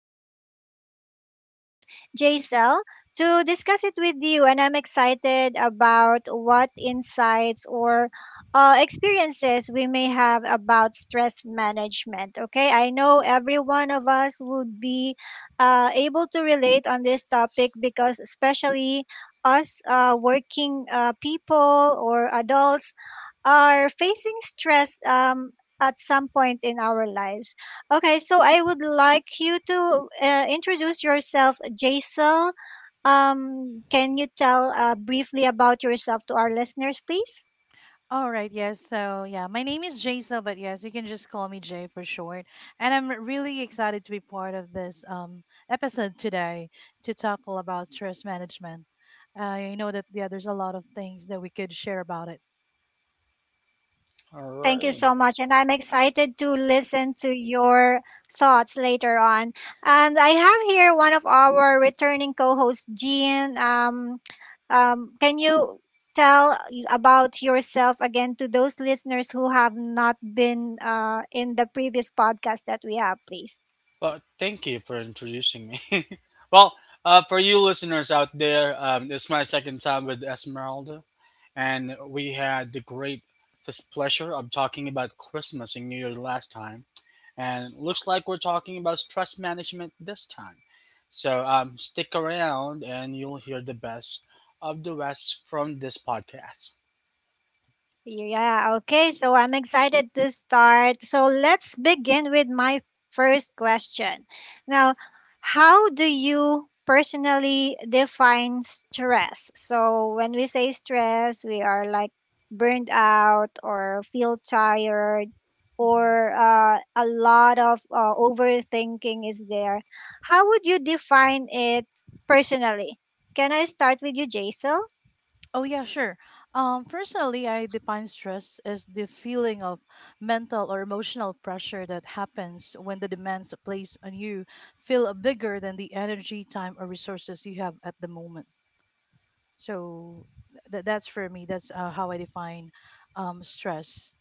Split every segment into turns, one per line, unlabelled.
new co-host, Jaisel, to discuss it with you. And I'm excited about what insights or experiences we may have about stress management. Okay, I know every one of us would be able to relate on this topic because, especially us working people or adults, are facing stress at some point in our lives. Okay, so I would like you to introduce yourself, Jaisal. Can you tell briefly about yourself to our listeners, please?
All right, yes. My name is Jaisal, but yes, you can just call me Jay for short. And I'm really excited to be part of this episode today to tackle about stress management. I know that there's a lot of things that we could share about it.
all
Thank you so
right.
much. And I'm excited to listen to your thoughts later on. And I have here one of our returning co hosts, Jean. Can you tell about yourself again to those listeners who have not been in the previous podcast that we have, please?
Well, thank you for introducing me. Well, for you listeners out there, it's my second time with Esmeralda, and we had the great this pleasure of talking about Christmas and New Year last time, and looks like we're talking about stress management this time. So stick around, and you'll hear the best of the rest from this podcast.
Yeah, okay. So I'm excited to start. So let's begin with my first question. Now, how do you personally define stress? So when we say stress, we are like burned out or feel tired
Mhm.
or a lot of overthinking is there. How would you define it personally? Can I start with you, Jaisal?
Oh yeah, sure. Personally, I define stress as the feeling of mental or emotional pressure that happens when the demands placed on you feel bigger than the energy, time, or resources you have at the moment. So that's for me. That's how I define stress.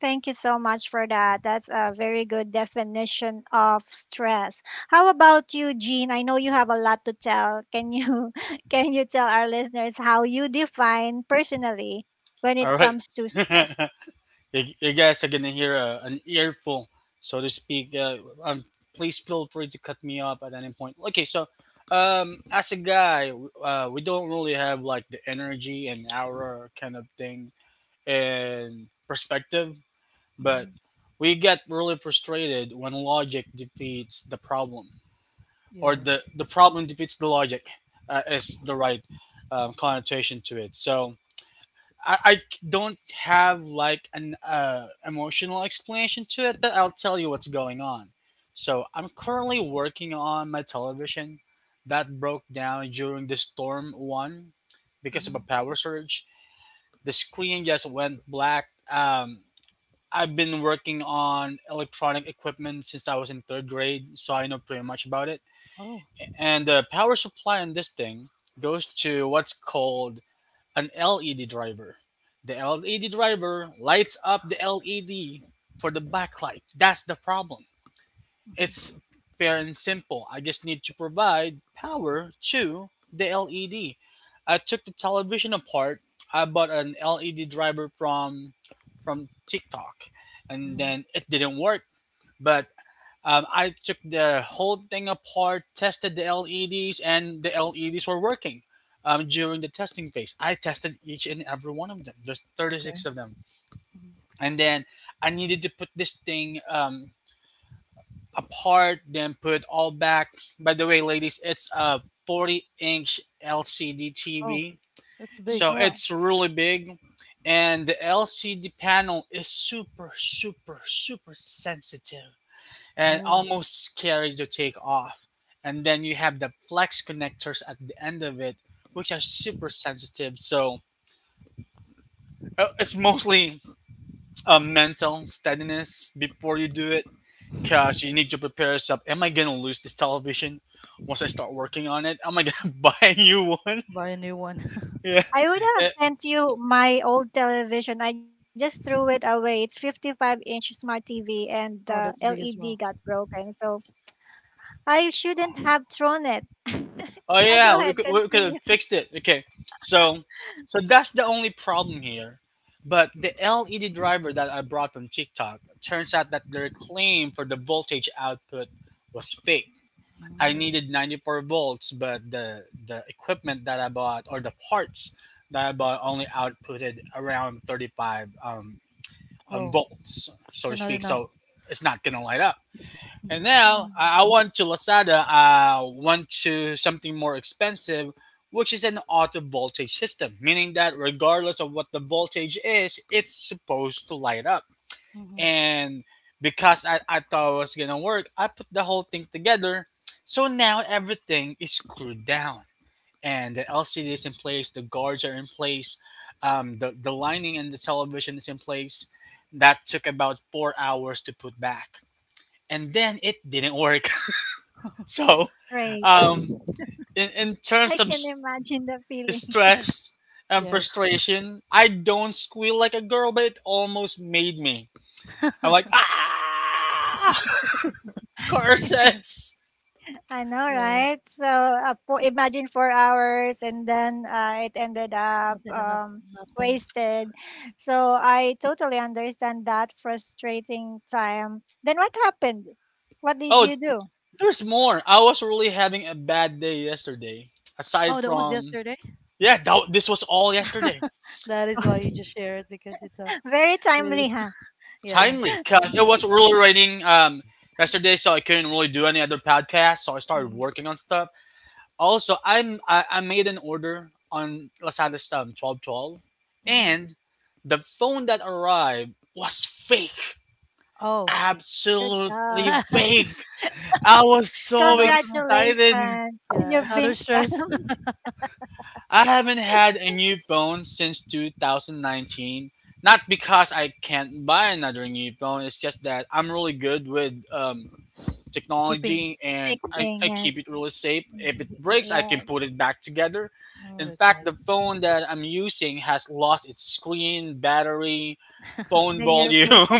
Thank you so much for that. That's a very good definition of stress. How about you, Jean? I know you have a lot to tell. Can you can you tell our listeners how you define personally when
All
it
right.
comes to stress?
You guys are gonna hear an earful, so to speak. Um, Please feel free to cut me off at any point. Okay, so as a guy, we don't really have like the energy and aura kind of thing and perspective, but
Hmm
we get really frustrated when logic defeats the problem, or
Yeah.
the problem defeats the logic, is the right connotation to it. So I, I c- don't have like an emotional explanation to it, but I'll tell you what's going on. So I'm currently working on my television that broke down during the storm one because of a
hmm
power surge. The screen just went black. I've been working on electronic equipment since I was in third grade, so I know pretty much about it.
Oh.
And the power supply on this thing goes to what's called an LED driver. The LED driver lights up the LED for the backlight. That's the problem.
hmm
It's fair and simple. I just need to provide power to the LED. I took the television apart. I bought an LED driver from TikTok, and
hmm
then it didn't work. But I took the whole thing apart, tested the LEDs, and the LEDs were working during the testing phase. I tested each and every one of them. There's
Okay.
36 of them.
hmm
And then I needed to put this thing apart, then put it all back. By the way, ladies, it's a 40-inch LCD
Oh,
TV.
that's
So
big.
Oh,
it's really big. And the LCD panel is super, super, super sensitive and
Oh,
almost scary to take off. And then you have the flex connectors at the end of it, which are super sensitive. So it's mostly a mental steadiness before you do it, because you need to prepare yourself. Am I gonna lose this television once I start working on it? Am I gonna buy a new one?
buy a new one.
Yeah.
I would have sent you my old television. I just threw it away. It's 55-inch inch smart TV and the
Oh, that's big as
LED
well.
got broken. So I shouldn't have thrown it.
Oh
Yeah,
yeah,
go ahead,
we could have
continue.
fixed it. Okay, so that's the only problem here. But the LED driver that I brought from TikTok turns out that their claim for the voltage output was fake. I
Mm
needed 94 volts, but the equipment that I bought or the parts that I bought only outputted around 35
Oh,
volts, so to
so not
speak.
enough.
So it's not gonna light up. And
Mm-hmm.
now
Mm.
I went to Lazada. I went to something more expensive, which is an auto voltage system, meaning that regardless of what the voltage is, it's supposed to light up.
Mm-hmm.
And because I thought it was gonna work, I put the whole thing together. So now everything is screwed down, and the LCD is in place, the guards are in place, the lining and the television is in place. That took about 4 hours to put back, and then it didn't work. So,
Great.
um, in
I
terms of
can imagine the feeling.
stress and
Yes.
frustration, I don't squeal like a girl, but it almost made me. I'm like, ah, car curses.
I know,
Yes.
right? So imagine 4 hours and then it ended
I
up
did enough. Nothing.
wasted. So I totally understand that frustrating time. Then what happened? What did
Oh,
you do?
there's more. I was really having a bad day yesterday.
Oh,
Aside
that was
from,
yesterday.
yeah, that, this was all yesterday.
That is why you just share it, because it's a
Very timely,
really
huh?
yeah.
Timely, because it was really raining yesterday, so I couldn't really do any other podcast, so I started
hmm
working on stuff. Also, I made an order on Lazada Stam 12.12,
hmm
and the phone that arrived was fake.
Oh,
Good
Absolutely
job.
fake. I was so
another.
excited.
Congratulations.
Yeah,
You've been
another stress.
scammed.
I haven't had a new phone since 2019. Not because I can't buy another new phone, it's just that I'm really good with
Keeping.
technology, and I,
Fixing,
I keep
yes.
it really safe. If it
Hmm
breaks, I can
Yes.
put it back together.
Oh,
In
that's
fact, the
nice.
phone that I'm using has lost its screen, battery, phone
Then you
volume,
replace it.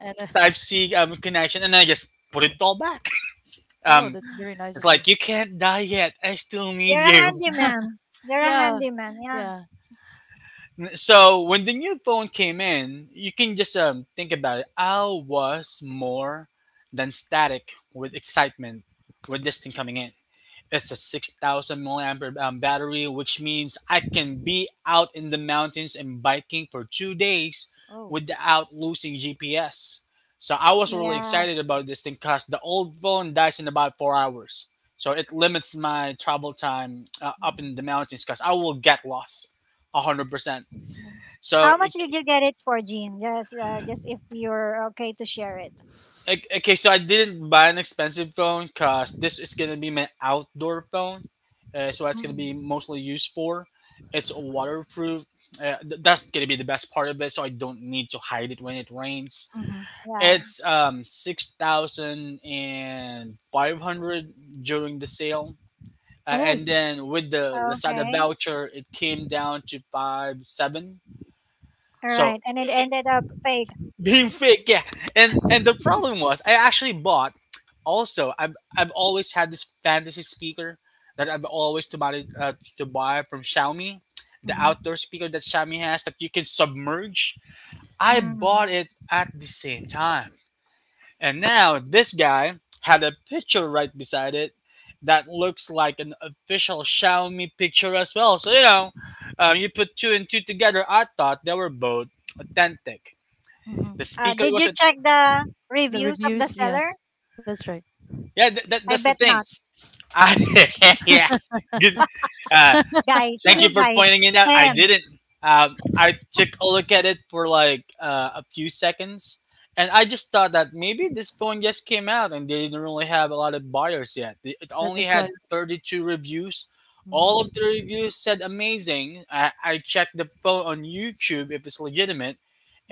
And
Type C connection, and I just put it all back.
oh,
Um,
that's very nice of
it's
you.
like, you can't die yet. I still need
You're a
you.
handyman. You're a
Yeah,
handyman, yeah.
yeah.
So when the new phone came in, you can just think about it. I was more than static with excitement with this thing coming in. It's a 6,000 milliampere battery, which means I can be out in the mountains and biking for 2 days
Oh.
without losing GPS. So I was really
Yeah.
excited about this thing because the old phone dies in about 4 hours. So it limits my travel time up in the
Mm-hmm.
mountains because I will get lost 100%. So
How much did you get it for, Jean? Just if you're okay to share it.
Okay, so I didn't buy an expensive phone because this is gonna be my outdoor phone. So that's gonna be
Mm.
mostly used for. It's waterproof. That's gonna be the best part of it. So I don't need to hide it when it rains.
hmm
Yeah.
It's 6,500 during the sale,
Oh.
and then with the Lazada
Okay.
voucher, it came down to five seven.
All
So,
right. And it ended up fake.
being fake, yeah, and the problem was, I actually bought, also, I've always had this fantasy speaker that I've always to buy from Xiaomi, the
Mm-hmm.
outdoor speaker that Xiaomi has that you can submerge. I
Mm.
bought it at the same time, and now this guy had a picture right beside it that looks like an official Xiaomi picture as well, so you put two and two together. I thought they were both authentic. The
Mm-hmm.
speaker
Did
was.
you check the
The
reviews of the
reviews,
seller?
yes, that's right.
Yeah,
I
that's the
bet
thing.
not.
Uh, yeah, good. Uh,
Guys,
Thank you
you
for
guys,
pointing it out. I
men.
didn't. I took a look at it for like a few seconds, and I just thought that maybe this phone just came out and they didn't really have a lot of buyers yet. It
That,
only
that's why.
had 32 reviews. All
Mm.
of the reviews said amazing. I checked the phone on YouTube if it's legitimate,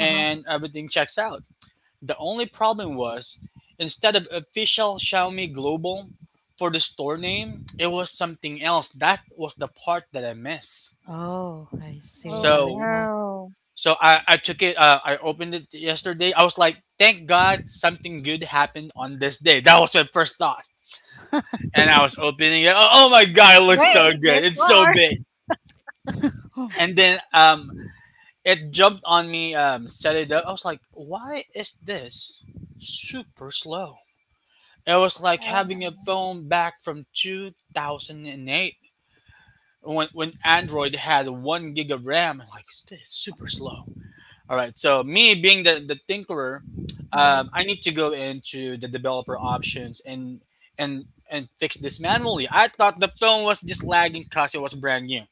Uh-huh.
everything checks out. The only problem was, instead of official Xiaomi Global for the store name, it was something else. That was the part that I missed.
Oh, I see.
Oh
That is
So,
why.
no.
so I took it. I opened it yesterday. I was like, thank God something good happened on this day. That was my first thought. And I was opening it. Oh, oh my God, it looks so
Wait, there's
good. It's so
more.
big.
Mm-hmm.
And then it jumped on me, set it up. I was like, why is this super slow? It was like
Oh,
having a
no.
phone back from 2008, when, Android had one gig of RAM. I'm like, this is super slow. All right, so me being the tinkerer, I need to go into the developer options and fix this manually. I thought the phone was just lagging because it was brand new.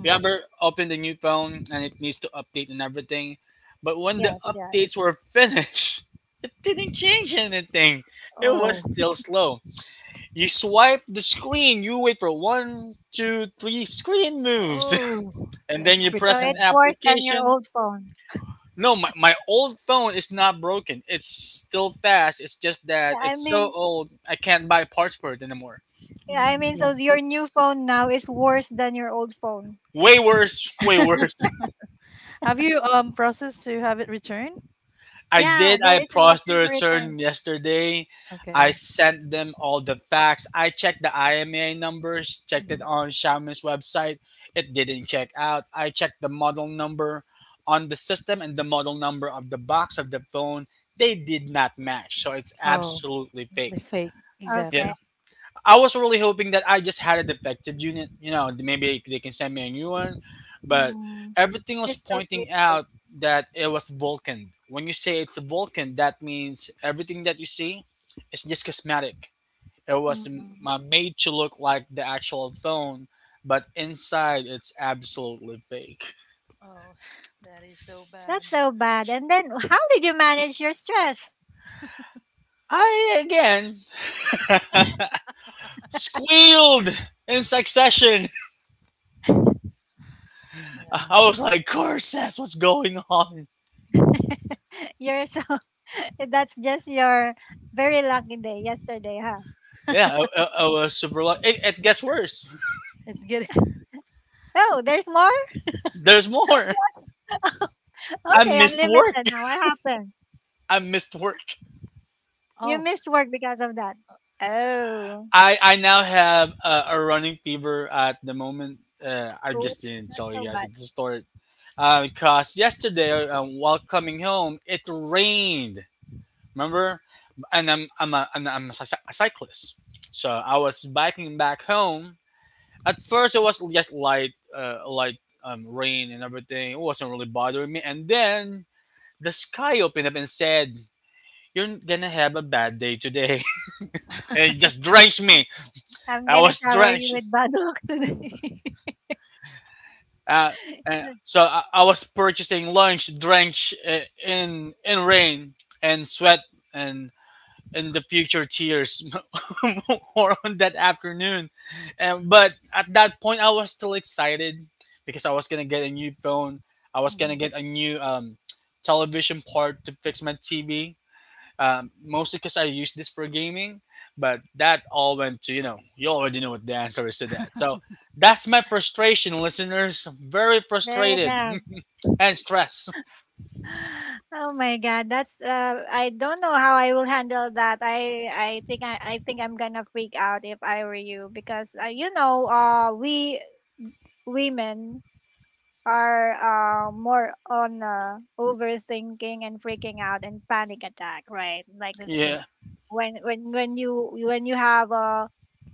You ever open the new phone and it needs to update and everything, but when the
Yes, yes.
updates were finished, it didn't change anything. It was
Oh,
still slow. You swipe the screen, you wait for one, two, three screen moves,
oh,
and then
that's
you
pretty
So
press an
it's
bad.
worse than your
application.
old phone.
No, my old phone is not broken. It's still fast. It's just
Yeah,
that
I
it's so
mean,
old, I can't buy parts for it anymore.
yeah, I
Mm,
mean,
yeah.
so your new phone now is worse than your old phone.
Way worse, way worse.
Have you processed to have it returned?
I
Yeah,
did.
there
I
is an
processed the
option to return.
return yesterday. I
Okay.
sent them all the facts. I checked the IMA numbers, checked it
Mm-hmm.
on Xiaomi's website. It didn't check out. I checked the model number on the system and the model number of the box of the phone. They did not match. So it's
Oh,
absolutely
the
fake.
fake.
Yeah,
Exactly.
Okay.
I was really hoping that I just had a defective unit. You know, maybe they can send me a new one, but
Mm.
everything
That
was
is totally
pointing
right.
out that it was Vulcan. When you say it's Vulcan, that means everything that you see is just cosmetic. It was
Mm-mm.
made to look like the actual phone, but inside it's absolutely fake.
Oh, that is so bad.
That's so bad. And then, how did you manage your stress?
I again squealed in succession. I
Yeah.
was like, Corsess, what's going on?
You're so. That's just your very lucky day yesterday, huh?
Yeah, I was super lucky. It gets worse.
It's get.
Oh, there's more?
There's more. I
Okay,
missed work.
unlimited now. What happened?
I missed work.
You
Oh.
missed work because of that.
uh,
Oh.
I now have a running fever at the moment. I just didn't tell
So
you guys
bad.
at the start. Because yesterday while coming home it rained. Remember, and a cyclist, so I was biking back home. At first, it was just light rain and everything. It wasn't really bothering me, and then the sky opened up and said, you're gonna have a bad day today. And it just drenched me.
I'm
I
gonna
was
shower you
drenched.
with banok.
Uh, uh, so I, I was purchasing lunch drenched in rain and sweat and in the future tears or on that afternoon. But at that point, I was still excited because I was gonna get a new phone. I was gonna
Mhm.
get a new television part to fix my TV, mostly because I use this for gaming. But that all went to you already know what the answer is to that. So that's my frustration, listeners. Very
Very
frustrated
bad.
and stress.
Oh my god, that's I don't know how I will handle that. I think I'm gonna freak out if I were you because we women are more on overthinking and freaking out and panic attack, right? Like
That's true.
Yeah,
when you when you have a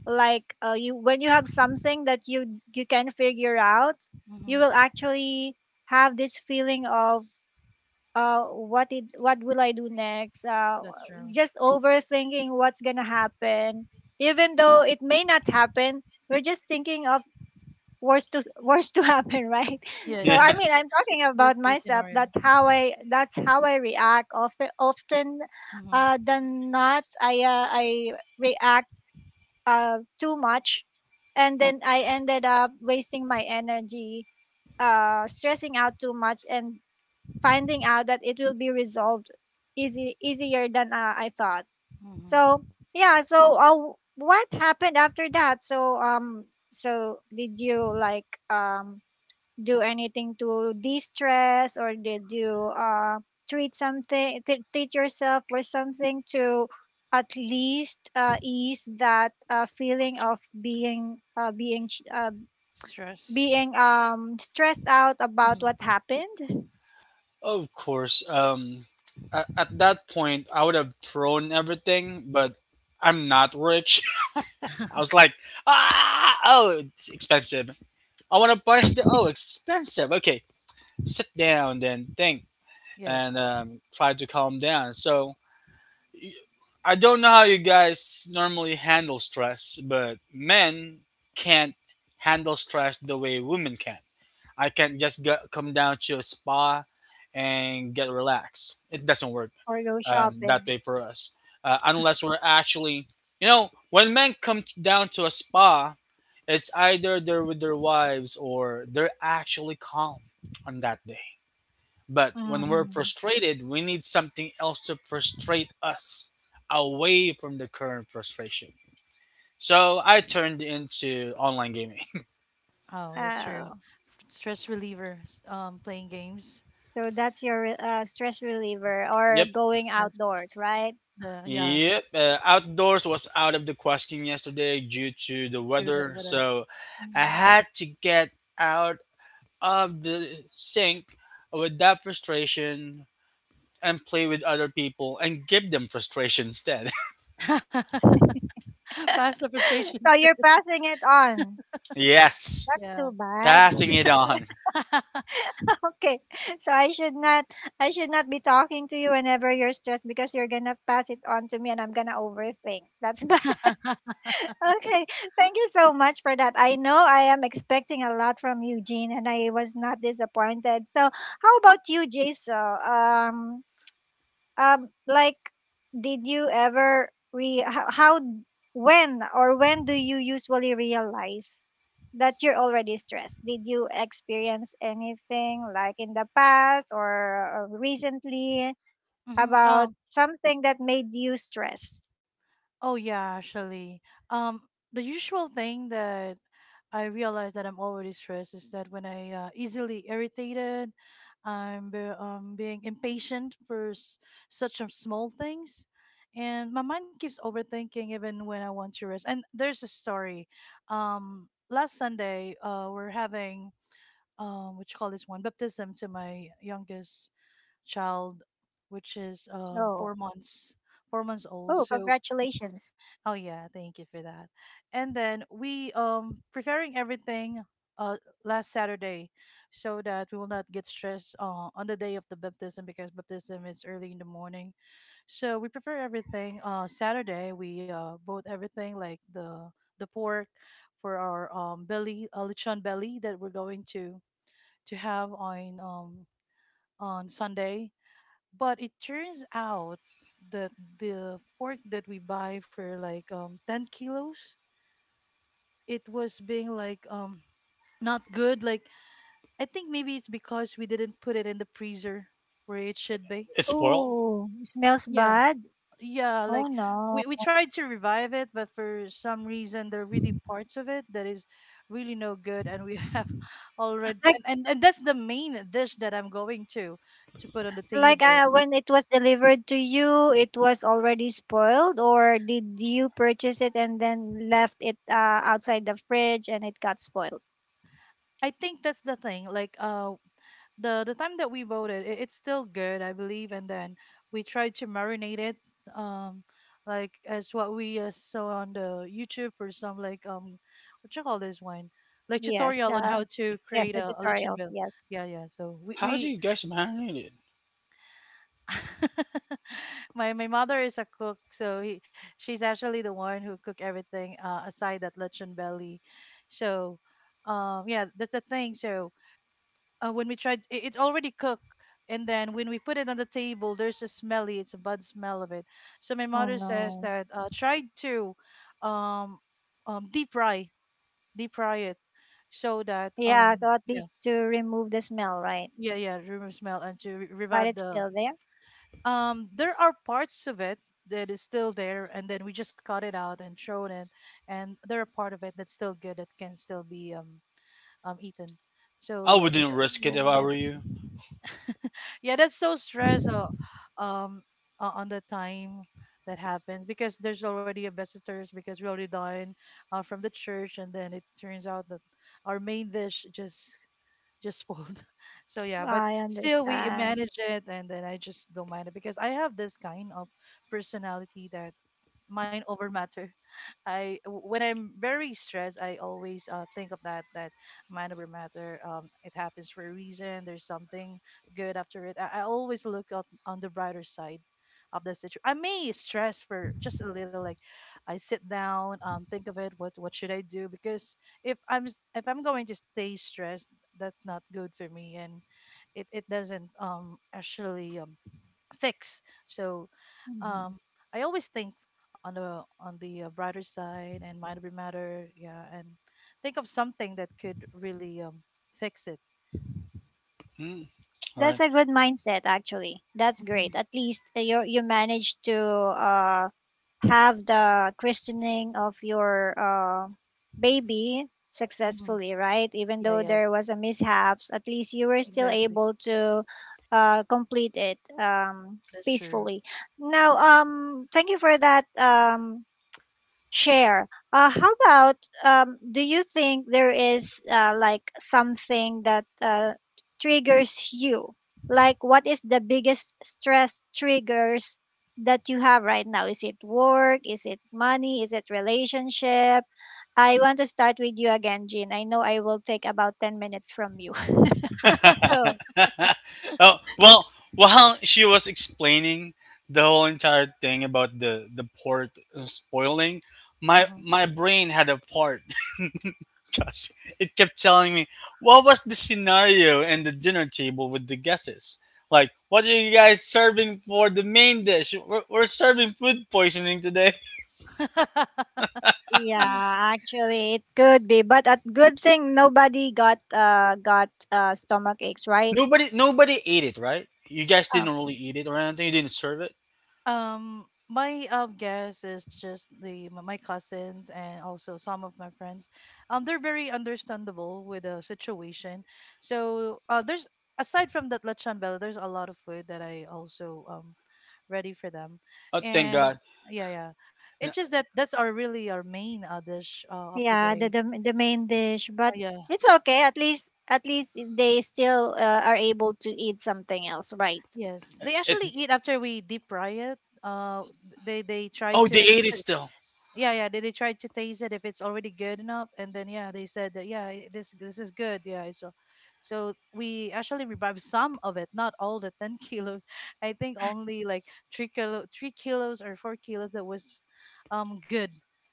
like you when you have something that you can figure out, you
Hmm
will actually have this feeling of, what will I do next,
That's true.
just overthinking what's gonna happen, even though it may not happen, we're just thinking of worse to worse to happen, right?
Yeah,
So
yeah,
yeah.
I mean I'm talking about
Worst case
myself. that's
scenario.
how i that's how i react often,
Hmm
than not. I react too much, and then I ended up wasting my energy, stressing out too much, and finding out that it will be resolved easy easier than, I thought.
hmm
So yeah. So what happened after that? So did you like do anything to de-stress? Or did you treat yourself for something to at least ease that feeling of being uh, being sh- uh,
Stress.
being um stressed out about what
Hmm
happened?
of course. At that point, I would have thrown everything, but I'm not rich. I was like, ah, oh, it's expensive. I want to punch the, oh, expensive. Okay, sit down, then think, and
Yes.
try to calm down. So I don't know how you guys normally handle stress, but men can't handle stress the way women can. I can't just go, come down to a spa and get relaxed. It doesn't work
Or go
that
shopping.
way for us, unless we're actually, when men come down to a spa, it's either they're with their wives or they're actually calm on that day. But when we're
Mm-hmm.
frustrated, we need something else to frustrate us away from the current frustration. So I turned into online gaming.
Oh, that's true.
Oh,
Stress reliever. Playing games.
so that's your stress reliever, or
Yep.
going
Yes.
outdoors, right?
The yeah.
Yep. Outdoors was out of the question yesterday due to the
Do the
weather.
weather.
So I
Mm.
had to get out of the sink with that frustration and play with other people and give them frustration instead.
Pass the
So
frustrations.
you're passing it on.
Yes.
That's
Yeah.
too bad.
Passing it on.
Okay. So I should not be talking to you whenever you're stressed, because you're gonna pass it on to me, and I'm gonna overthink. That's bad. Okay. Thank you so much for that. I know I am expecting a lot from Eugene and I was not disappointed. So how about you, Jason? Like, did you ever re how, when, or when do you usually realize that you're already stressed? Did you experience anything like in the past, or recently
hmm
about something that made you stressed?
Oh yeah, actually. Um, the usual thing that I realize that I'm already stressed is that when I easily irritated, being impatient for such a small things, and my mind keeps overthinking even when I want to rest. And there's a story. Last Sunday, we're having what you call this one, baptism to my youngest child, which is
Oh.
4 months, 4 months old.
Oh,
So
congratulations.
oh yeah, thank you for that. And then we preparing everything uh last Saturday so that we will not get stressed on the day of the baptism, because baptism is early in the morning. So we prepare everything Saturday. We bought everything like the pork for our belly, lechon belly that we're going to have on Sunday, but it turns out that the pork that we buy for like 10 kilos, it was being like not good. Like I think maybe it's because we didn't put it in the freezer where it should be.
It's spoiled?
Oh, smells
Yeah.
bad.
Yeah,
Oh
like
no.
we tried to revive it, but for some reason there are really parts of it that is really no good and we have already,
I —
and that's the main dish that I'm going to put on the
like
table.
when it was delivered to you, it was already spoiled? Or did you purchase it and then left it outside the fridge and it got spoiled?
I think that's the thing. Like the time that we voted it, it's still good, I believe, and then we tried to marinate it, um like as what we saw on the YouTube for some like what you call this one, like
Yes,
tutorial on
the
how to
yes,
create
the
a lechon
tutorial.
bill.
Yes.
Yeah, yeah. So we,
How do
we
you guys marinate it?
my mother is a cook, so he, she's actually the one who cook everything aside that lechon belly. So yeah, that's the thing. So when we tried it, it's already cooked, and then when we put it on the table there's a smelly, it's a bad smell of it. So my
Oh
mother says
no.
that try to um, um, deep fry deep fry it so that
Yeah, so at
yeah.
least to remove the smell, right?
Yeah, yeah, remove smell and to
But
revive
it's
the
still there.
there are parts of it that is still there, and then we just cut it out and thrown it, and there are part of it that's still good, that can still be eaten, so
I
yeah.
wouldn't risk it if I were
Mm.
you.
Yeah, that's so stressful, um on the time that happens, because there's already a visitors, because we already done from the church, and then it turns out that our main dish just spoiled. So yeah, but
I
still we
understand.
manage it, and then I just don't mind it because I have this kind of personality that mind over matter. I When I'm very stressed, I always think of that, that mind over matter. It happens for a reason. There's something good after it. I always look on the brighter side of the situation. I may stress for just a little. Like I sit down, think of it. What should I do? Because if if I'm going to stay stressed, that's not good for me, and it doesn't actually fix. So
Mhm.
um, I always think on the brighter side and mind over matter, yeah, and think of something that could really fix it.
Hmm. All
That's
right.
a good mindset, actually. That's great.
Hmm
At least you managed to have the christening of your baby
hmm
successfully, right? Even
Yeah,
though
yes,
there was a mishaps, at least you were still
exactly.
able to complete it
That's true.
peacefully. Now, thank you for that share. How about, do you think there is like something that triggers you? Like, what is the biggest stress triggers that you have right now? Is it work? Is it money? Is it relationship? I want to start with you again, Jean. I know I will take about 10 minutes from you. So,
Oh well, while she was explaining the whole entire thing about the pork spoiling, my
Hmm
my brain had a part because it kept telling me what was the scenario and the dinner table with the guesses. Like, what are you guys serving for the main dish? We're serving food poisoning today.
yeah, actually, it could be, but a good thing nobody got stomach aches, right?
Nobody ate it, right? You guys didn't really eat it or anything. You didn't serve it.
My guess is just the my cousins and also some of my friends. They're very understandable with the situation. So there's aside from that lechon bell, there's a lot of food that I also ready for them,
Oh, thank
and
God.
yeah, yeah. It's just that that's our really our main dish of the
Yeah,
day.
the main dish, but
Yeah.
it's okay. At least they still are able to eat something else, right?
Yes, they
It
actually eat after we deep fry it. They try
Oh, they
to.
ate it still.
Yeah yeah, they tried to taste it if it's already good enough, and then yeah, they said that yeah, this is good, yeah. So so we actually revived some of it, not all the 10 kilos. I think only like 3 kilo, 3 kilos or 4 kilos that was good.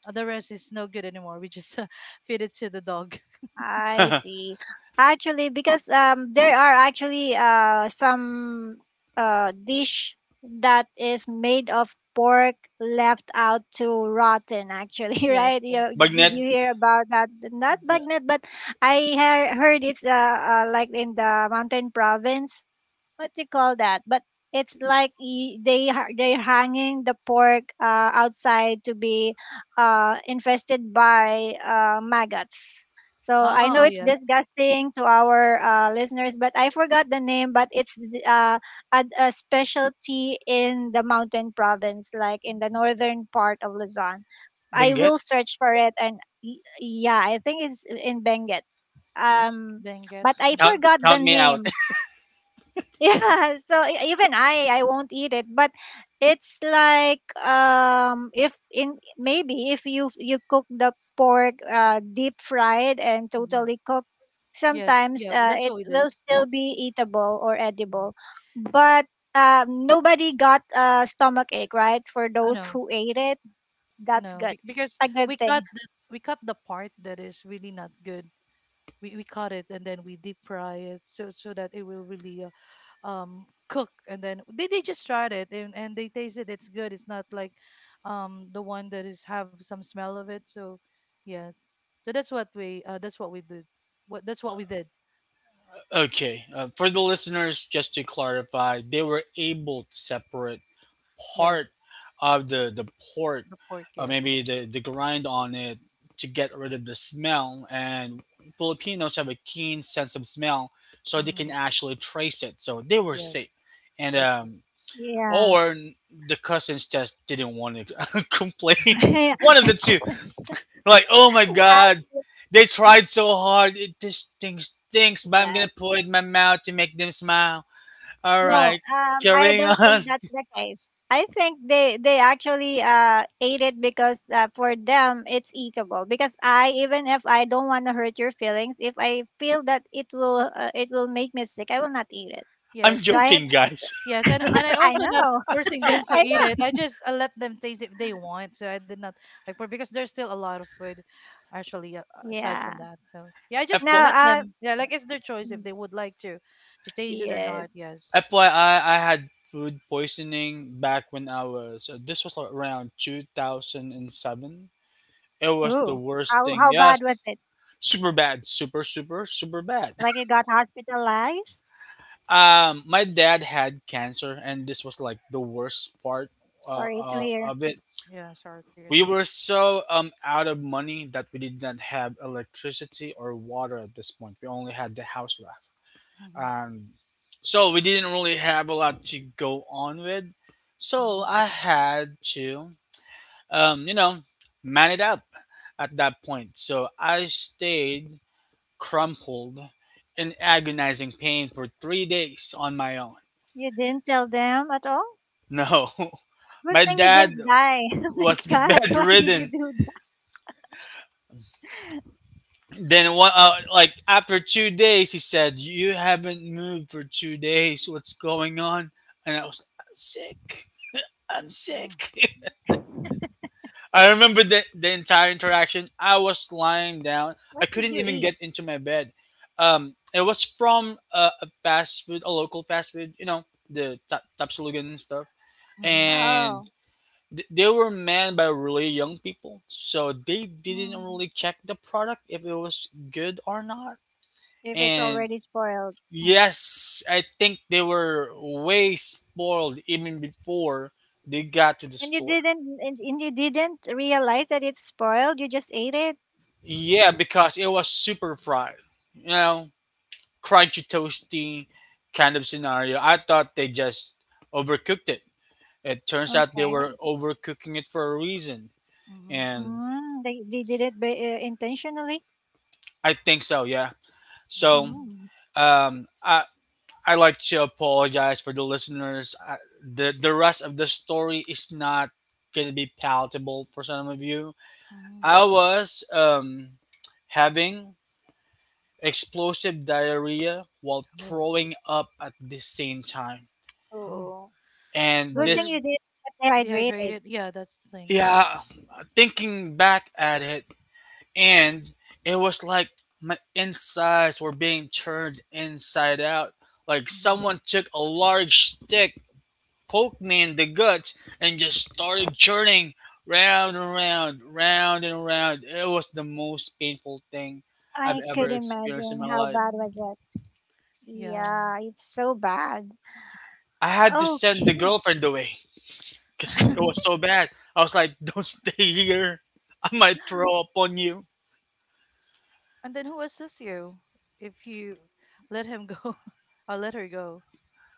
The rest is no good anymore, we just feed it to the dog.
I see. Actually, because there are actually some dish that is made of pork left out to rotten actually,
Yes,
right?
yes,
You, did
yes.
Bagnet.
you hear about that? Not
Mm.
bagnet, but I heard it's like in the mountain province, what do you call that? But it's like y- they ha- they're hanging the pork outside to be infested by maggots. So I
Ah,
know
oh
it's
yes.
disgusting to our listeners, but I forgot the name. But it's a specialty in the mountain province, like in the
Mhm.
northern part of Luzon. I
Benguet?
will search for it, and yeah, I think it's in Benguet. Um,
Benguet.
but I
Count
Mhm,
forgot the
me out.
name. Yeah, so even I won't eat it, but it's like if in maybe if you cook the pork deep fried and
mhm.
totally cooked,
Yes,
sometimes
yeah, that's
it
what we did.
will still be eatable or
Mhm.
edible. But nobody got a stomach ache, right? For
I
those
know.
who ate it, that's
No,
good.
because
A good thing.
we cut the part that is really not good. We cut it and then we deep fry it so so that it will really cook, and then they just tried it and they tasted it's good. It's not like the one that is have some smell of it. So yes, so that's what we did. What That's what we did.
Okay. For the listeners, just to clarify, they were able to separate
Yes,
part of the pork,
the pork. Yes.
maybe the grind on it to get rid of the smell. And Filipinos have a keen sense of smell, so they
hmm
can actually trace it. So they were
Yes,
safe. And
that's true.
Yeah.
or the cousins just didn't want to complain. One of the two. Like, oh my
I,
god, they tried so hard. This thing stinks, but I'm
yeah,
gonna put it in my mouth to make them smile. All
no,
right,
I
carrying
don't
on.
think that's the case. I think they actually ate it, because for them it's eatable. Because I, even if I don't want to hurt your feelings, if I feel that it will make me sick, I will not eat it.
I'm
Yes, and
Right?
and
joking, guys.
yes, and I
I
also not
know.
forcing them to
I
eat
know.
it. I just let them taste if they want. So I did not like for because there's still a lot of food, actually, aside
Yeah.
from that. So yeah, I just
FY-
let
Now,
them. Yeah, like it's their choice if
mm,
they would like to taste it or
yes.
not. Yes.
FYI, I had food poisoning back when I was. This was around 2007. It was the
Ooh,
worst thing.
how bad was
Yes,
it?
super bad, super, super, super bad.
Like you got hospitalized?
My dad had cancer, and this was like the worst part
Sorry to hear.
of it.
Yeah. Sorry to hear
We
that.
were so out of money that we did not have electricity or water at this point. We only had the house left,
Mm-hmm,
and so we didn't really have a lot to go on with. So
mm-hmm,
I had to um, you know, man it up at that point. So I stayed crumpled in agonizing pain for 3 days on my own.
You didn't tell them at all.
No.
Good
My
thing you
dad
didn't die. Oh my
was
God, why did you
bedridden.
do —
Then what, like after 2 days, he said, you haven't moved for 2 days, what's going on? And i'm sick i'm
mm,
sick I remember the entire interaction. I was lying down.
what
I
did
couldn't
you
even
eat?
get into my bed. It was from a fast food, a local fast food, the tapsulugan and stuff,
mm-hmm,
Oh.
and they were manned by really young people, so they didn't
Mm.
really check the product if it was good or not.
If it's
And
already spoiled. Mm.
yes, I think they were way spoiled even before they got to the
And
store.
you didn't realize that it's spoiled. You just ate it.
Yeah, because it was super fried. You know, crunchy, toasty kind of scenario. I thought they just overcooked it. It turns out they
Okay.
were overcooking it for a reason.
mm-hmm,
And
Mm. They did it by, intentionally.
I think so, yeah. So,
mm-hmm.
Mm.
um, I, I like to apologize for the listeners. The rest of the story is not going to be palatable for some of you.
hmm
I was having explosive diarrhea while
Oh,
throwing up at the same time.
oh.
Oh,
So
And
good
you're
thing
this,
you did get hydrated.
dehydrated. Yeah, that's the thing.
yeah, thinking back at it, and it was like my insides were being turned inside out. Like
Mm-hmm,
someone took a large stick, poked me in the guts, and just started churning round and round, round and round. It was the most painful thing I've
I
ever
could
experienced in
imagine
my
how
life.
bad was
mm-hmm.
it.
Yeah.
Yeah, it's so bad.
I had to send the
Okay.
girlfriend away because it was so bad. I was like, "Don't stay here. I might throw up on you."
And then who assists you if you let him go or let her go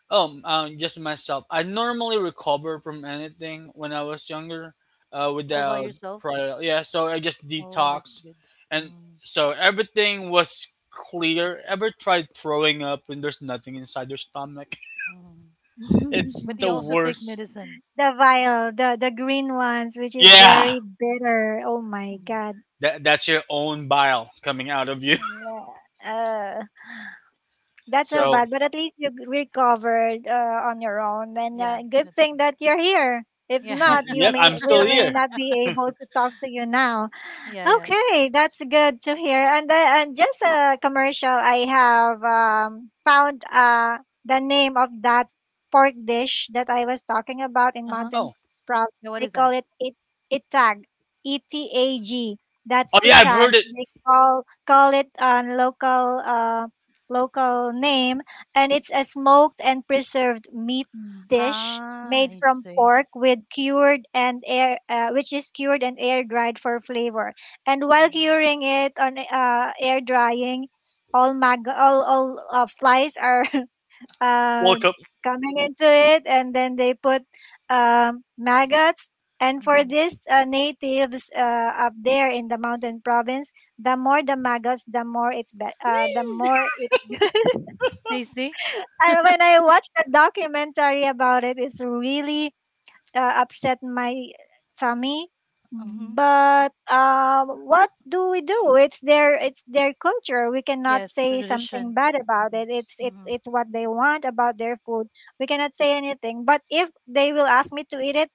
Just myself. I normally recover from anything when I was younger,
all by
without
yourself?
prior. Yeah, so I just
Oh, that's
detox,
good.
and
Mm,
so everything was clear. Ever tried throwing up when there's nothing inside your stomach?
mm.
It's
But
the
you also
The
take
worst.
medicine.
vial, the green ones, which is
Yeah,
very bitter. Oh my
Mhm.
god.
that's your own bile coming out of you.
Yeah. Uh, that's so
So,
bad, but at least you recovered on your own, and
Yeah,
good
that's
thing
good.
that you're here. If
Yeah,
y-
not, you
yep,
may
I'm still
we may
here.
not be able to talk to you now.
yeah, yeah.
Okay, that's good to hear. And and just a commercial, I have found the name of that pork dish that I was talking about in
Uh huh.
Mountain
Oh,
Province.
Yeah, what
They
is
call
that?
it itag, E T A G.
Oh
That's
yeah, I've
itag.
heard it.
They call it a local local name, and it's a smoked and preserved meat dish
Ah,
made
I
from
see.
pork with cured and air, which is cured and air dried for flavor, and while
Mm-hmm.
curing it on air drying, all mag all flies are uh,
Woke up.
coming into it, and then they put maggots. And for
Mm-hmm.
these natives up there in the mountain province, the more the maggots, the more it.
Tasty?
I, when I watched the documentary about it, it's really upset my tummy.
Mm-hmm.
But what do we do? It's their culture. We cannot
Yes,
say something
tradition.
bad about it. It's
Mm-hmm.
it's
Mm-hmm.
it's what they want about their food. We cannot say anything. But if they will ask me to eat it,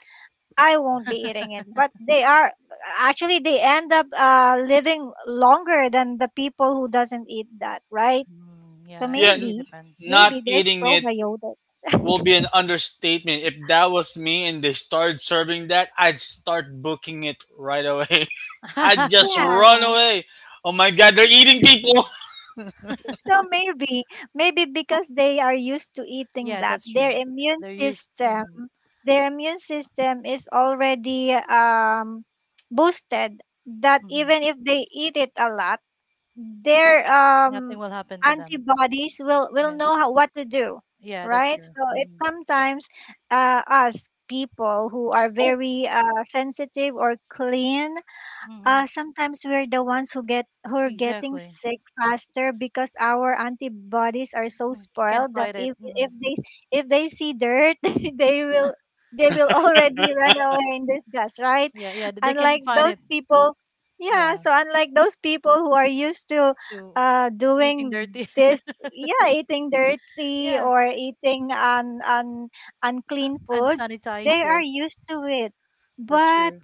I won't be eating it. But they are actually they end up living longer than the people who doesn't eat that, right?
Mm,
So
yeah, it
Yeah,
really
maybe,
depends. Mhm.
not
maybe there's
eating it
probiotic.
will be an understatement. If that was me and they started serving that, I'd start booking it right away. I'd just run
Yeah.
away. Oh my god, they're eating people.
So maybe, maybe because they are used to eating
Yeah,
that,
that's true. They're used. Hmm
their immune system is already boosted. That
hmm
even if they eat it a lot, their
Nothing will happen to them.
antibodies will know
Yes.
how, what to do,
Yeah, that's
right?
true.
So it
Mm-hmm.
sometimes us people who are very sensitive or clean,
Mm-hmm.
sometimes we're the ones who are getting
Exactly.
sick faster because our antibodies are so
Can't
spoiled that
fight it.
if
Mm-hmm.
if they, if they see dirt, they will they will already run away in disgust, right?
Yeah, yeah, they can
Unlike
fight it.
those people, yeah.
Yeah,
So unlike those people who are used to
to eating
doing
dirty.
this, yeah, eating dirty
Yeah,
or eating
uh,
unclean food, they
unsanitized.
are
Yes,
used to it,
that's
but
true.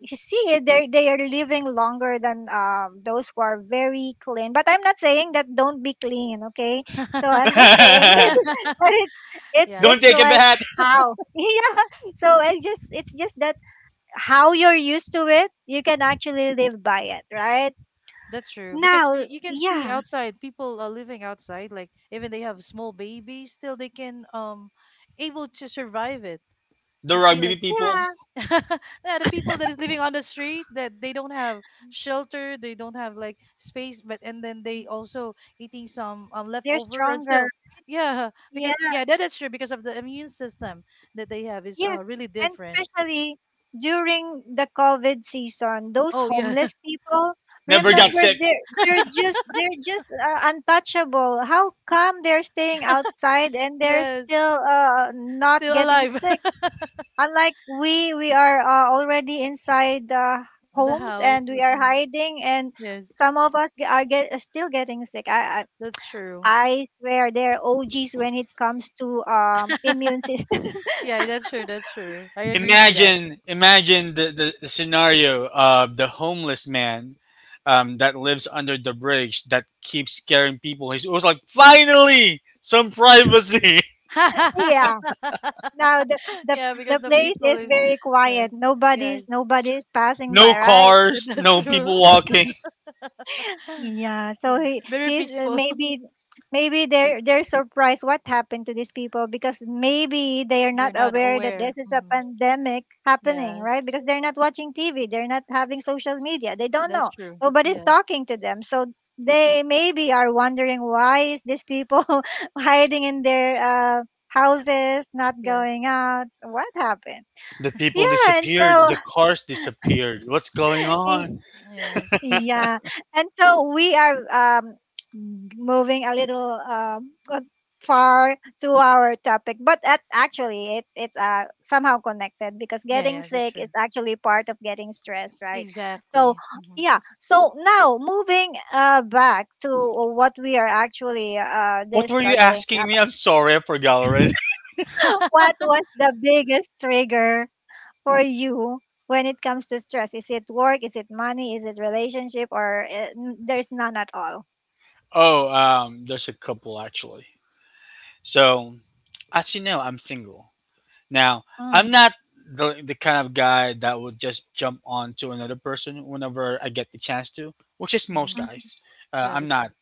you see they are living longer than those who are very clean, but I'm not saying that don't be clean, okay? So I'm just saying that, but it, it's
yeah,
Don't
it's
y-
take a
like
bath.
how yeah, so it's just that how you're used to it, you can actually live by it, right?
that's true. Because
Now,
you can see
yeah,
outside, people are living outside. Like even they have small babies, still they can able to survive it.
The
You see,
rugby
like
people
yeah,
yeah, the people that is living on the street that they don't have shelter, they don't have like space, but and then they also eating some
they're
leftover and
stronger.
still, yeah, because yeah, that is true, because of the immune system that they have is
Yes,
really
and
different.
especially during the COVID season, those
Oh yeah,
homeless people,
never
yes,
got
remember
sick.
they're just untouchable. How come they're staying outside and they're
yes,
still not
still
getting
alive,
sick? Unlike we are already inside
the
homes
house,
and
but,
we are
yeah,
hiding, and
yes,
some of us are still getting sick. I, I
that's true.
I swear they're OGs when it comes to immune system.
Yeah, that's true, that's true. I agree to that.
Imagine, imagine the scenario of the homeless man that lives under the bridge that keeps scaring people. He's always like, finally, some privacy.
Yeah. Now, the, the
Yeah, because
the
the
place
people
is
is
very
yes,
quiet.
yeah,
Nobody's passing
No
by, right?
cars,
that's
no
true.
people walking.
Yeah. So
Yeah,
he
very
he's uh,
peaceful.
maybe, maybe they're surprised what happened to these people, because maybe they are not
They're not
aware that this
aware.
is a
Hmm
pandemic happening,
Yeah,
right? Because they're not watching TV, they're not having social media, they don't
that's
know.
true.
Nobody's
Yes,
talking to them, so they maybe are wondering why is these people hiding in their houses, not
yes,
going out. What happened?
The people
Yeah, and
disappeared.
so
The cars disappeared. What's going on?
yes.
yeah, and so we are moving a little far to our topic, but that's actually, it's somehow connected because
Yeah,
getting
yeah, that's
sick
true.
is actually part of getting stressed,
Yes,
right?
exactly.
So
hmm
yeah, so now moving back to what we are actually
What were you
discussing
asking me?
about.
I'm sorry, I forgot already.
What was the biggest trigger for you when it comes to stress? Is it work? Is it money? Is it relationship? Or there's none at all?
Oh, there's a couple actually. So, as you know, I'm single. Now, I'm
Mm.
not the kind of guy that would just jump on to another person whenever I get the chance to, which is
hmm
most guys.
Mhm.
Yeah,
I'm
that's true.
not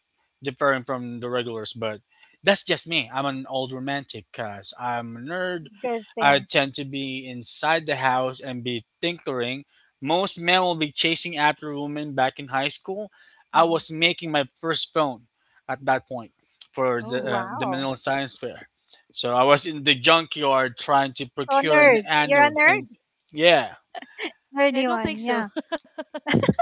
differing from the regulars, but that's just me. I'm an old romantic because I'm a nerd.
Good
I
thing.
tend to be inside the house and be tinkering. Most men will be chasing after women back in high school. I
Hmm
was making my first phone at that point for
Oh,
the
Wow.
Manila Science Fair. So I was in the junkyard trying to
So
procure an
nerd. You're a
anode, and
nerd?
yeah.
I
Nerdy
don't think
one,
so.
yeah.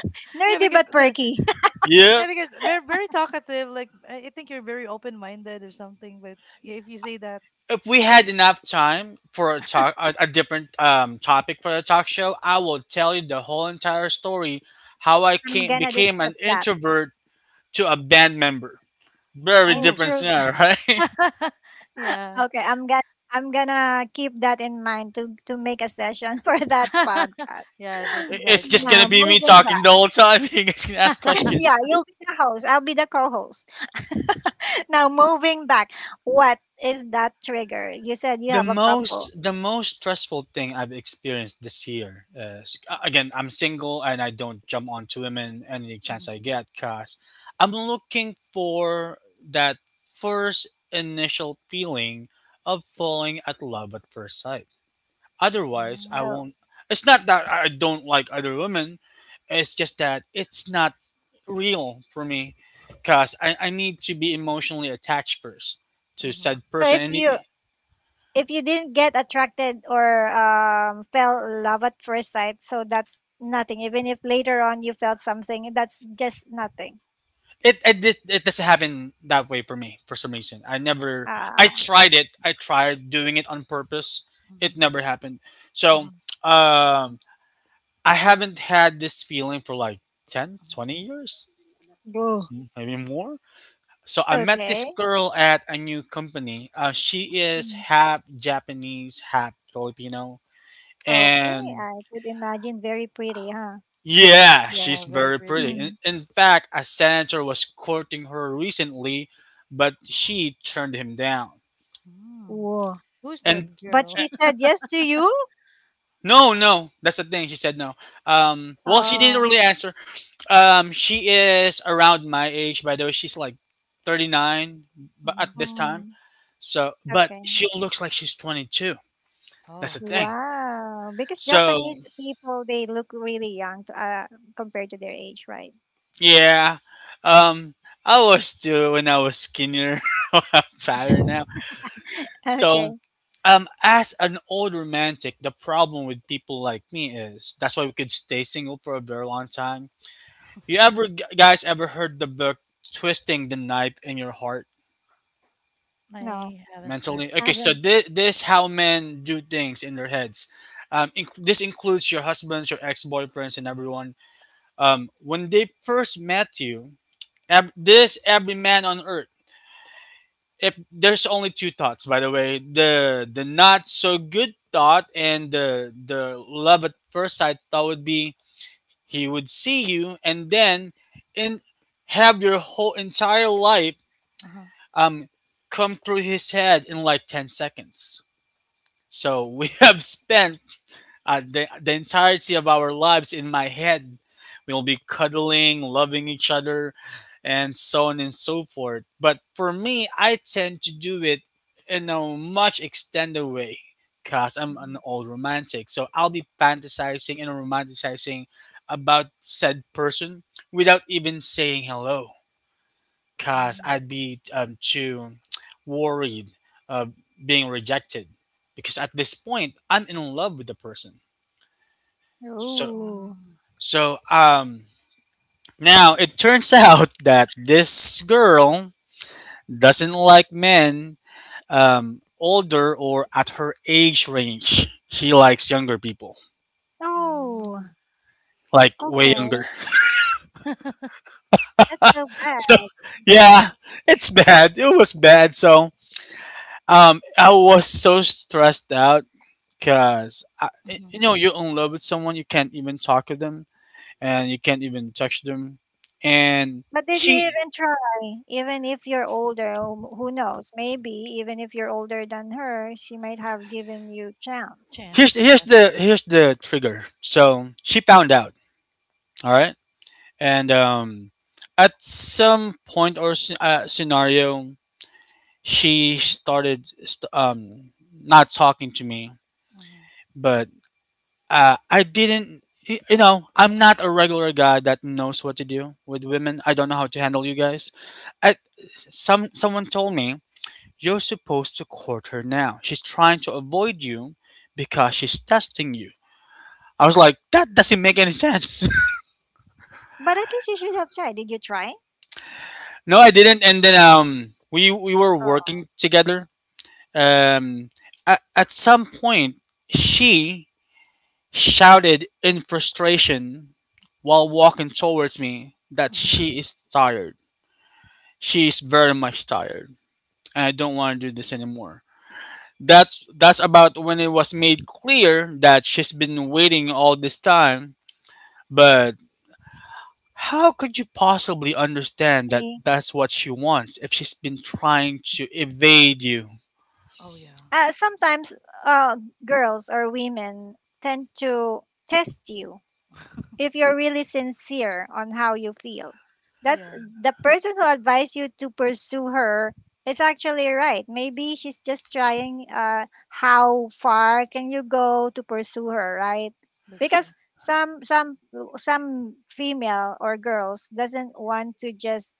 Yeah,
Nerdy
because
but
the,
perky.
yeah,
Yep,
because very very talkative. Like I think you're very open minded or something. But if you say that,
if we had enough time for a talk, a different topic for a talk show, I will tell you the whole entire story how I
I'm
came
gonna
became
discuss
an
that.
introvert to a band member. Very
oh,
different
Intro.
scenario. Right. It-
yeah,
Okay, I'm gonna keep that in mind to make a session for that podcast.
yeah, that's
it's just
exciting.
gonna
Now
be me
moving
talking
back.
the whole time. You guys can ask
Yeah,
questions.
you'll be the host. I'll be the co-host. Now moving back, what is that trigger? You said you
the
have a
most
couple.
the most stressful thing I've experienced this year is, again, I'm single and I don't jump onto women any
Mhm.
chance I get, cause I'm looking for that first initial feeling of falling at love at first sight. Otherwise, I
Mm,
So,
won't. It's not that I don't like other women. It's just that it's not real for me, cause I need to be emotionally attached first to
mhm.
said
so
person.
if
And
you, if you didn't get attracted or fell in love at first sight, so that's nothing. Even if later on you felt something, that's just nothing.
it doesn't happen that way for me for some reason. I never. I
Ah,
tried it. I tried doing it on purpose. It
Mhm,
never happened. So
mhm,
um I haven't had this feeling for like ten
mhm,
twenty years,
boo.
maybe more. So I met
Okay.
this girl at a new company. She
mhm.
is
Mm.
half Japanese, half Filipino,
Okay,
and
I could imagine very pretty, huh?
yeah,
Yeah,
she's
very
very
pretty.
pretty. In,
Hmm.
in fact, a senator was courting her recently, but she turned him down.
Mm.
Whoa.
Who's that
And,
But
girl?
uh,
she said yes to you?
no, no, that's the thing. She said no. Well, she didn't
Oh.
really answer. She is around my age, by the way. She's like 39, but
Hmm
at this time.
Mm.
But
Okay.
she looks like she's 22. That's
Oh,
the thing.
Wow, because Japanese
So,
people, they look really young to, compared to their age, right?
yeah. Um, I was too when I was skinnier, fatter now. So,
Okay.
as an old romantic, the problem with people like me is that's why we could stay single for a very long time. You ever guys ever heard the book "Twisting the Knife in Your Heart"
No,
I haven't heard.
mentally? Okay, so
haven't.
this how men do things in their heads. This includes your husbands, your ex boyfriends, and everyone. When they first met you, ev- this every man on earth, if there's only two thoughts by the way, the not so good thought and the love at first sight thought, would be he would see you and then in, have your whole entire life
Uh-huh.
um come through his head in like 10 seconds. So we have spent the entirety of our lives in my head. We'll be cuddling, loving each other, and so on and so forth. But for me, I tend to do it in a much extended way because I'm
hmm
an old romantic. So I'll be fantasizing and romanticizing about said person without even saying hello because
mm,
I'd be too worried of being rejected because at this point, I'm in love with the person. So
Ooh.
mm,
so now it turns out that this girl doesn't like men older or at her age range. She likes younger people,
Oh,
mm.
like way
okay.
younger.
That's so
So
bad.
yeah, it's bad. It was bad. So I was so stressed out cuz
hmm
you know you're in love with someone you can't even talk to them and you can't even touch them and
But did you
she
even try? Even if you're older, who knows? Maybe even if you're older than her, she might have given you chance.
here's
Chance,
here's
yes.
the here's the trigger. So she found out, all right, and at some point or scenario, she started not talking to me,
hmm
but I didn't. You know, I'm not a regular guy that knows what to do with women. I don't know how to handle you guys. I, someone told me you're supposed to court her now. She's trying to avoid you because she's testing you. I was like, that doesn't make any sense.
But at least you should have tried. Did you try?
No, I didn't. And then we were
Oh.
working together. Um, at some point, she shouted in frustration while walking towards me that
hmm
she is tired. She is very much tired, and I don't want to do this anymore. That's about when it was made clear that she's been waiting all this time. But how could you possibly understand that
See.
that's what she wants if she's been trying to evade you?
Oh, yeah.
Sometimes uh, girls or women tend to test you if you're really sincere on how you feel. That's,
Yeah,
the person who advised you to pursue her is actually right. Maybe she's just trying how far can you go to pursue her, right?
that's true.
Because some some some female or girls doesn't want to just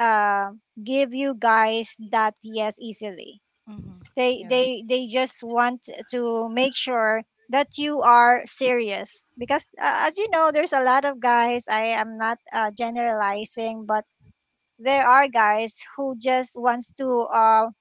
give you guys that yes easily,
Hmm
they
Yeah,
they they just want to make sure that you are serious because as you know, there's a lot of guys. I am not generalizing, but there are guys who just wants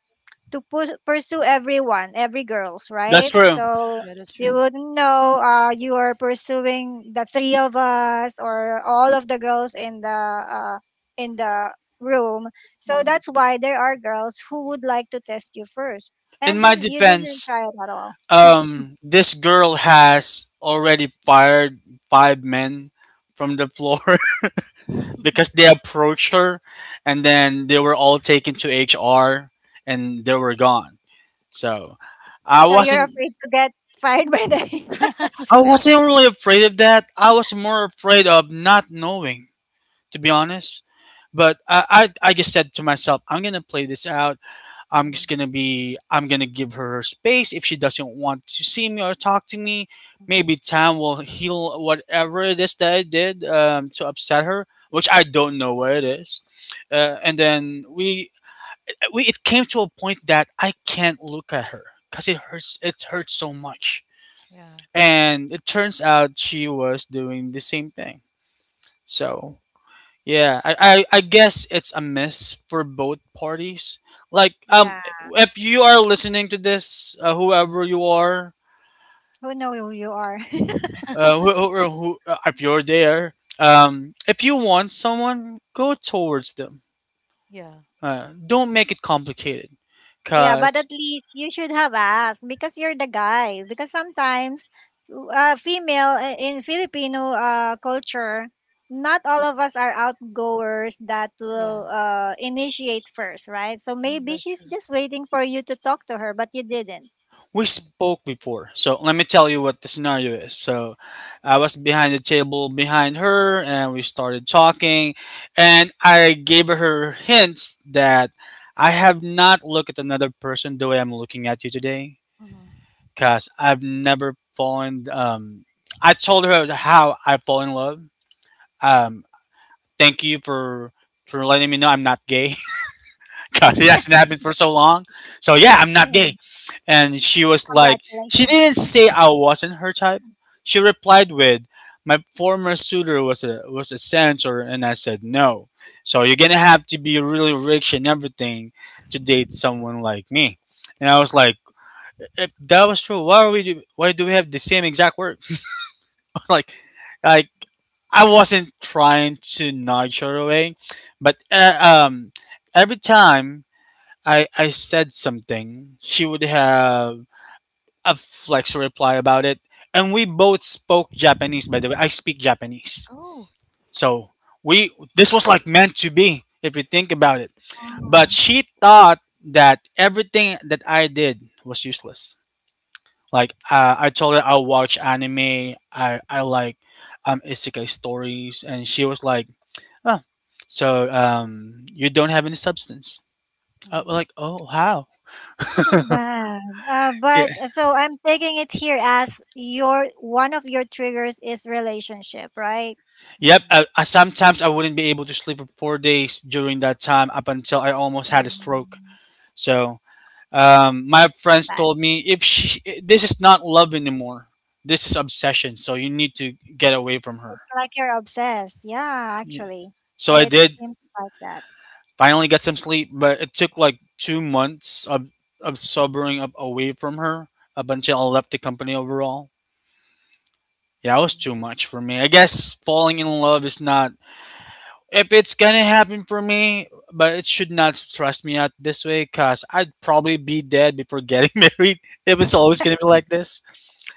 to pursue everyone, every girls,
That's
right?
true.
So
yeah, that's
you
true.
wouldn't know you are pursuing the three of us or all of the girls in the room. So
Hmm
that's why there are girls who would like to test you first,
In
and
my
then you didn't
defense,
try it at all.
this girl has already fired five men from the floor because they approached her, and then they were all taken to HR, and they were gone. So I
So you're
wasn't,
afraid to get fired by the HR as
I
well.
wasn't really afraid of that. I was more afraid of not knowing, to be honest. But I just said to myself, I'm gonna play this out.
hmm
I'm gonna give her her space. If she doesn't want to see me or talk to me,
hmm
maybe time will heal whatever it is that I did to upset her, which I don't know what it is. And then we it came to a point that I can't look at her because it hurts so much.
Yeah,
And it turns out she was doing the same thing. So yeah, I guess it's a miss for both parties. Like,
Yeah.
if you are listening to this, whoever you are,
Who know who you are?
if you're there, if you want someone, go towards them.
yeah,
Don't make it complicated,
Yeah, but
cause
at least you should have asked because you're the guy. Because sometimes, female in Filipino culture, not all of us are outgoers that
yeah.
will initiate first, right? So
Mhm,
maybe
that's
she's
true.
just waiting for you to talk to her, but you didn't.
we
Hmm
spoke before, so let me tell you what the scenario is. So, I was behind the table behind her, and we started talking, and I gave her hints that I have not looked at another person the way I'm looking at you today,
hmm
because I've never fallen. I told her how I fall in love. Um, Thank you for letting me know I'm not gay. God, it hasn't happened for so long. So yeah, I'm not
Yeah.
gay. And she was like, she
Congratulations.
didn't say I wasn't her type. She replied with, my former suitor was a censor, and I said no. So you're gonna have to be really rich and everything to date someone like me. And I was like, if that was true, why do we have the same exact word? like, like I wasn't trying to nudge her away, but every time I said something, she would have a flex reply about it. And we both spoke Japanese, by the way. I speak Japanese.
Oh.
So we this was like meant to be, if you think about it.
hmm
But
Mm,
she thought that everything that I did was useless. Like I told her I watch anime, I like isekai stories, and she was like, oh, so you don't have any substance. I was
hmm
like, oh how?
so bad. But so I'm taking it here as your one of your triggers is relationship, right?
Yep. I sometimes I wouldn't be able to sleep for 4 days during that time up until I almost had a stroke.
Mm.
So my friends
That's
told me if she, this is not love anymore, this is obsession. So you need to get away from her.
like you're obsessed. Yeah,
Yeah.
actually,
So I
it
did
seems like that.
finally get some sleep, but it took like 2 months of sobering up away from her up until I left the company overall. Yeah, it was
hmm
too much for me. I guess falling in love is not if it's gonna happen for me, but it should not stress me out this way, cause I'd probably be dead before getting married. If it's always gonna be like this,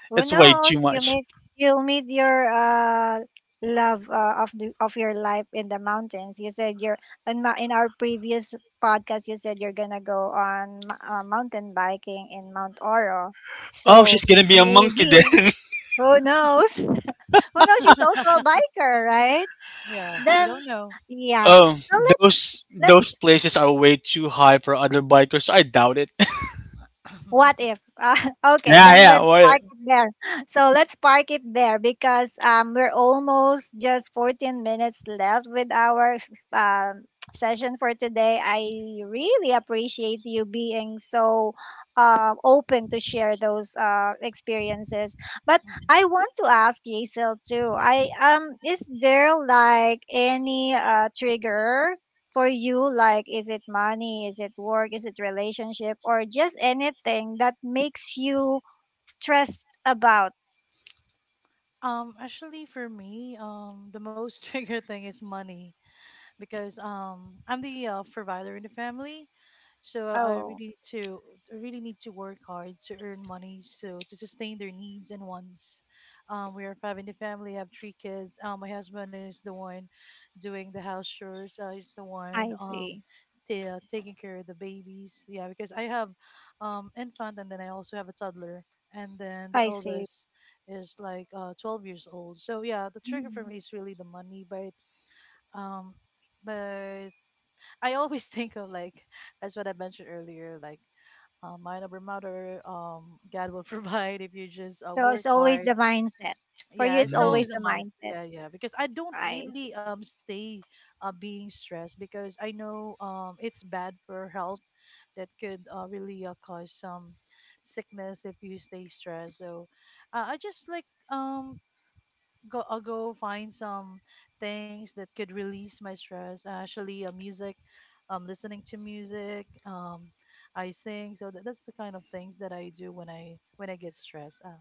Who
it's way
knows?
too
You
much.
meet, you'll meet your love of the, of your life in the mountains. You said you're in our previous podcast. You said you're gonna go on mountain biking in Mount Oro.
Oh,
So
she's gonna be a monkey then.
maybe, who knows? Who knows? She's also a biker, right?
Yeah, we don't
Then
know.
yeah.
Oh,
So let,
those places are way too high for other bikers. So I doubt it.
what if okay,
Yeah,
Yeah.
then
yeah.
let's
What?
park it there so let's park it there because we're almost just 14 minutes left with our um session for today. I really appreciate you being so open to share those experiences, but
Mhm.
I want to ask Yasil too. I um, is there like any trigger for you? Like, is it money? Is it work? Is it relationship? Or just anything that makes you stressed about?
Actually, for me, the most trigger thing is money. Because I'm the provider in the family, so I really
Oh,
need to I really need to work hard to earn money so to sustain their needs and wants. We are five in the family. I have three kids. My husband is the one doing the house chores. He's the one
I see.
taking care of the babies. Yeah, because I have infant and then I also have a toddler. And then the
I see.
eldest is like 12 years old. So yeah, the trigger for
Mhm.
me is really the money, um, but I always think of like as what I mentioned earlier, like mind over matter. God will provide if you just
So it's
work
always
hard.
the mindset. For you,
Yeah,
it's
it's
Mm,
always
always a
the
mind.
mindset.
Yeah, yeah. Because I don't
Right.
really stay being stressed because I know it's bad for health that could really cause some sickness if you stay stressed. So I just like um go I'll go find some things that could release my stress. Actually, music, listening to music, I sing. So that, that's the kind of things that I do when I get stressed.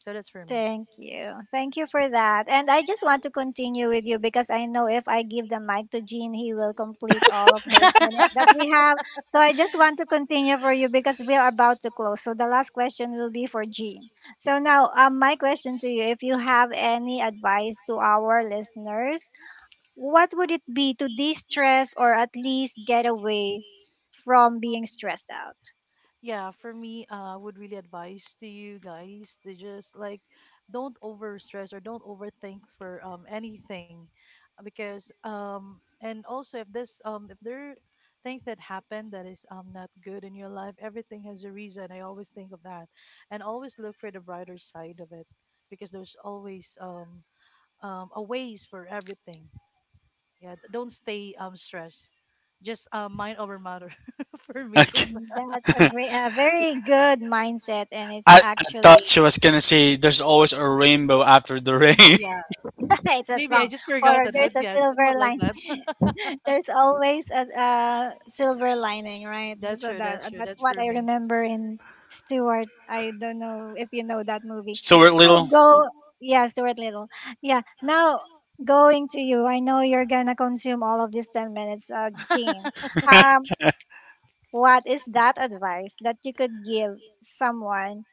So that's for me.
Thank you. Thank you for that. And I just want to continue with you because I know if I give the mic to Gene, he will complete all of those minutes that we have. So I just want to continue for you because we are about to close. So the last question will be for Gene. So now, my question to you, if you have any advice to our listeners, what would it be to de stress or at least get away from being stressed out?
Yeah, for me I would really advise to you guys to just like don't over stress or don't overthink for anything, because and also if this if there are things that happen that is not good in your life, everything has a reason. I always think of that, and always look for the brighter side of it, because there's always a ways for everything. Yeah, don't stay stressed, just mind over matter, for me.
okay.
Mhm. That's a very good mindset, and it's
I thought
actually
she was gonna say there's always a rainbow after the
Oh
rain.
yeah.
it's a
Maybe I
song
just forgot
or
that, but
there's a
yeah, somewhat
silver
like
line
that.
there's always a silver lining, right?
That's
So
true,
that,
that's true.
that's
That's
what
for
I
me.
remember in Stuart. I don't know if you know that movie.
Stuart
Now
Little.
go. Yeah, Stuart Little. Yeah. Now going to you, I know you're gonna consume all of these 10 minutes Gene, um, what is that advice that you could give someone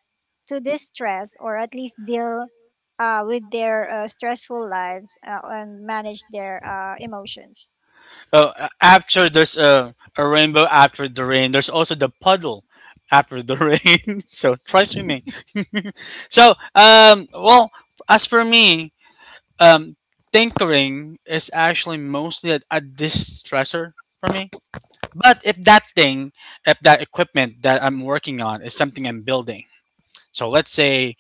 to distress or at least deal with their stressful lives and manage their emotions.
Oh, a- after there's a rainbow after the rain. There's also the puddle after the rain. So try swimming. So well, as for me, um, tinkering is actually mostly a distressor for me. But if that thing, if that equipment that I'm working on is something I'm building, so let's say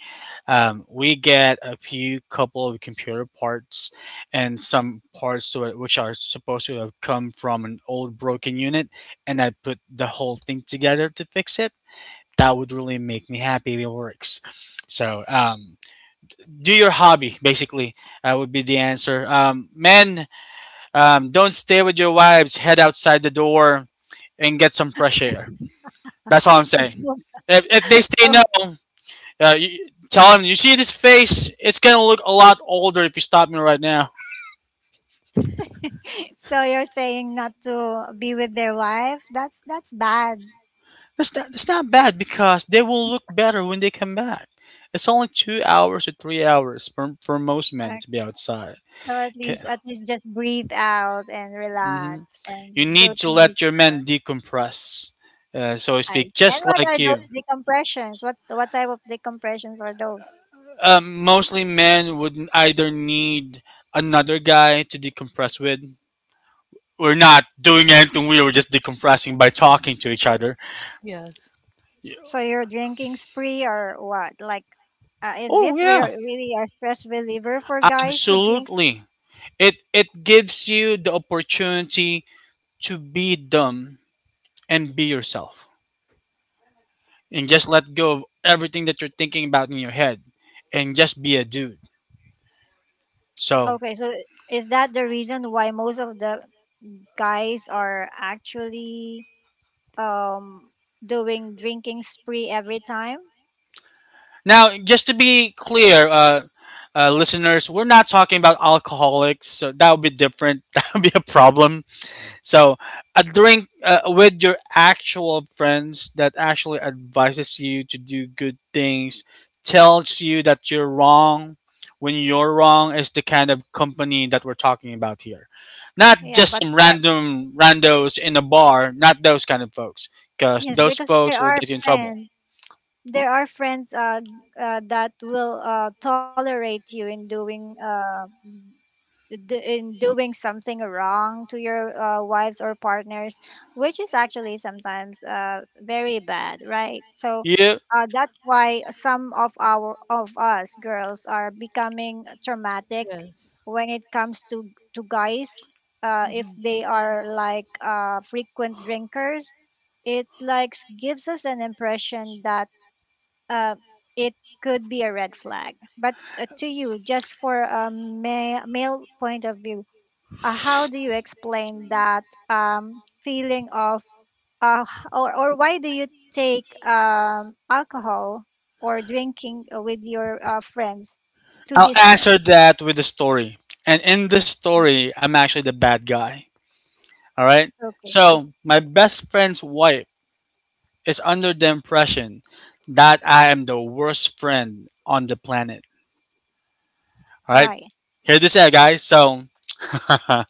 we get a few couple of computer parts and some parts to it which are supposed to have come from an old broken unit, and I put the whole thing together to fix it. That would really make me happy if it works. So do your hobby basically would be the answer. Men, don't stay with your wives. Head outside the door and get some fresh air. That's all I'm saying.
So,
If they say no,
so
yeah, you, tell him. You see this face? It's gonna look a lot older if you stop me right now.
so you're saying not to be with their wife? That's bad.
That's not bad because they will look better when they come back. It's only 2 hours to 3 hours for most
Uh,
men to be outside.
so at
Okay.
least, at least just breathe out and
Hmm.
relax and
You
go
need
to
to
nature.
let your men decompress, so to
And
speak, just
what are
like
those
you.
decompressions? What type of decompressions are those?
Mostly men would either need another guy to decompress with. We're not doing anything weird. We're just decompressing by
Mm.
talking to each other.
Yes.
So your drinking spree or what? Like, is it
Oh yeah,
really a stress reliever for guys to drink?
absolutely. It gives you the opportunity to be dumb and be yourself and just let go of everything that you're thinking about in your head and just be a dude. So,
Okay, so is that the reason why most of the guys are actually um doing drinking spree every time?
now just to be clear, listeners, we're not talking about alcoholics, so that would be different. That would be a problem. So a drink with your actual friends that actually advises you to do good things, tells you that you're wrong when you're wrong is the kind of company that we're talking about here. Not
Yeah,
just
but
some
there are,
random randos in a bar, not those kind of folks, because
yes,
those
because
folks
there
will
are
get you in trouble.
friends. There are friends that will tolerate you in doing in doing something wrong to your wives or partners, which is actually sometimes very bad, right? So
Yeah,
that's why some of our of us girls are becoming traumatic
Yes.
when it comes to guys.
Mm-hmm.
If they are like frequent drinkers, it like gives us an impression that uh, it could be a red flag. But to you, just for a male point of view, how do you explain that feeling of, uh, or why do you take alcohol or drinking with your friends to
I'll
distress?
answer that with a story. And in this story, I'm actually the bad guy. All right.
Okay,
So my best friend's wife is under the impression that I am the worst friend on the planet. All right,
why?
hear this out, guys. So,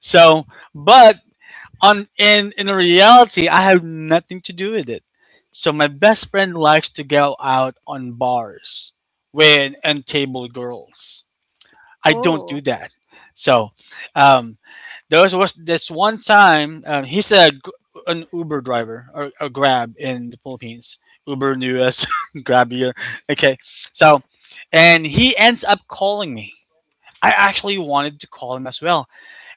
so, but on in reality, I have nothing to do with it. So my best friend likes to go out on bars with and girls. I don't do
Oh,
that. So, um, there was, this one time an Uber driver or a Grab in the Philippines. Uber in the US, Grab here. Okay, so and he ends up calling me. I actually wanted to call him as well.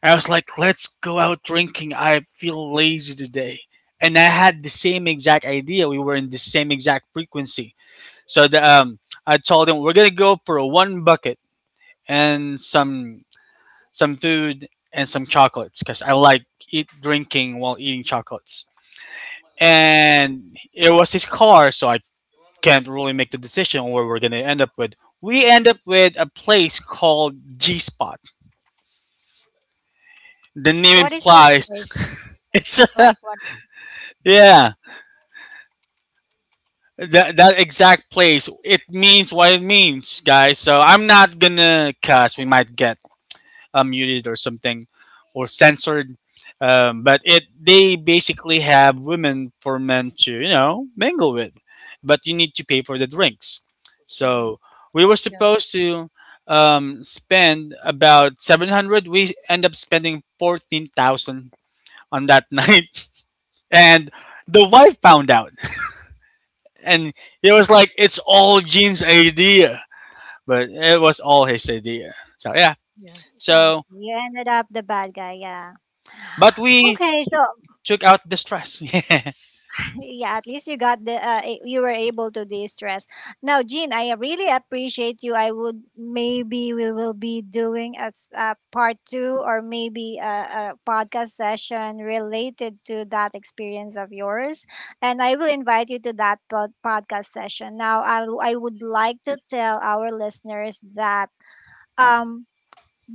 And I was like, let's go out drinking. I feel lazy today. And I had the same exact idea. We were in the same exact frequency. So I told him, we're going to go for one bucket and some food, and some chocolates because I like eat drinking while eating chocolates. And it was his car, so I can't really make the decision on where we're gonna end up with. We
Mm-hmm.
end up with a place called G Spot. The name
what is that
implies
flavor?
it's a,
Like what?
yeah that that exact place. It means what it means, guys. So I'm not gonna cuss. We might get unmuted or something or censored. But it they basically have women for men to you know mingle with, but you need to pay for the drinks.
Mm-hmm.
So we were
Yeah.
supposed to spend about 700. We end up spending 14,000 on that night, and the wife found out, and it was like it's all Gene's idea, but it was all his idea. So yeah,
Yes.
I
so
see. You ended up the bad guy, yeah.
but
Mm-hmm.
we
Okay, so
took out the stress. Yeah,
yeah, at least you got the you were able to de-stress. Now, Jean, I really appreciate you. I would maybe we will be doing as a part two or maybe a podcast session related to that experience of yours, and I will invite you to that podcast session. Now, I would like to tell our listeners that um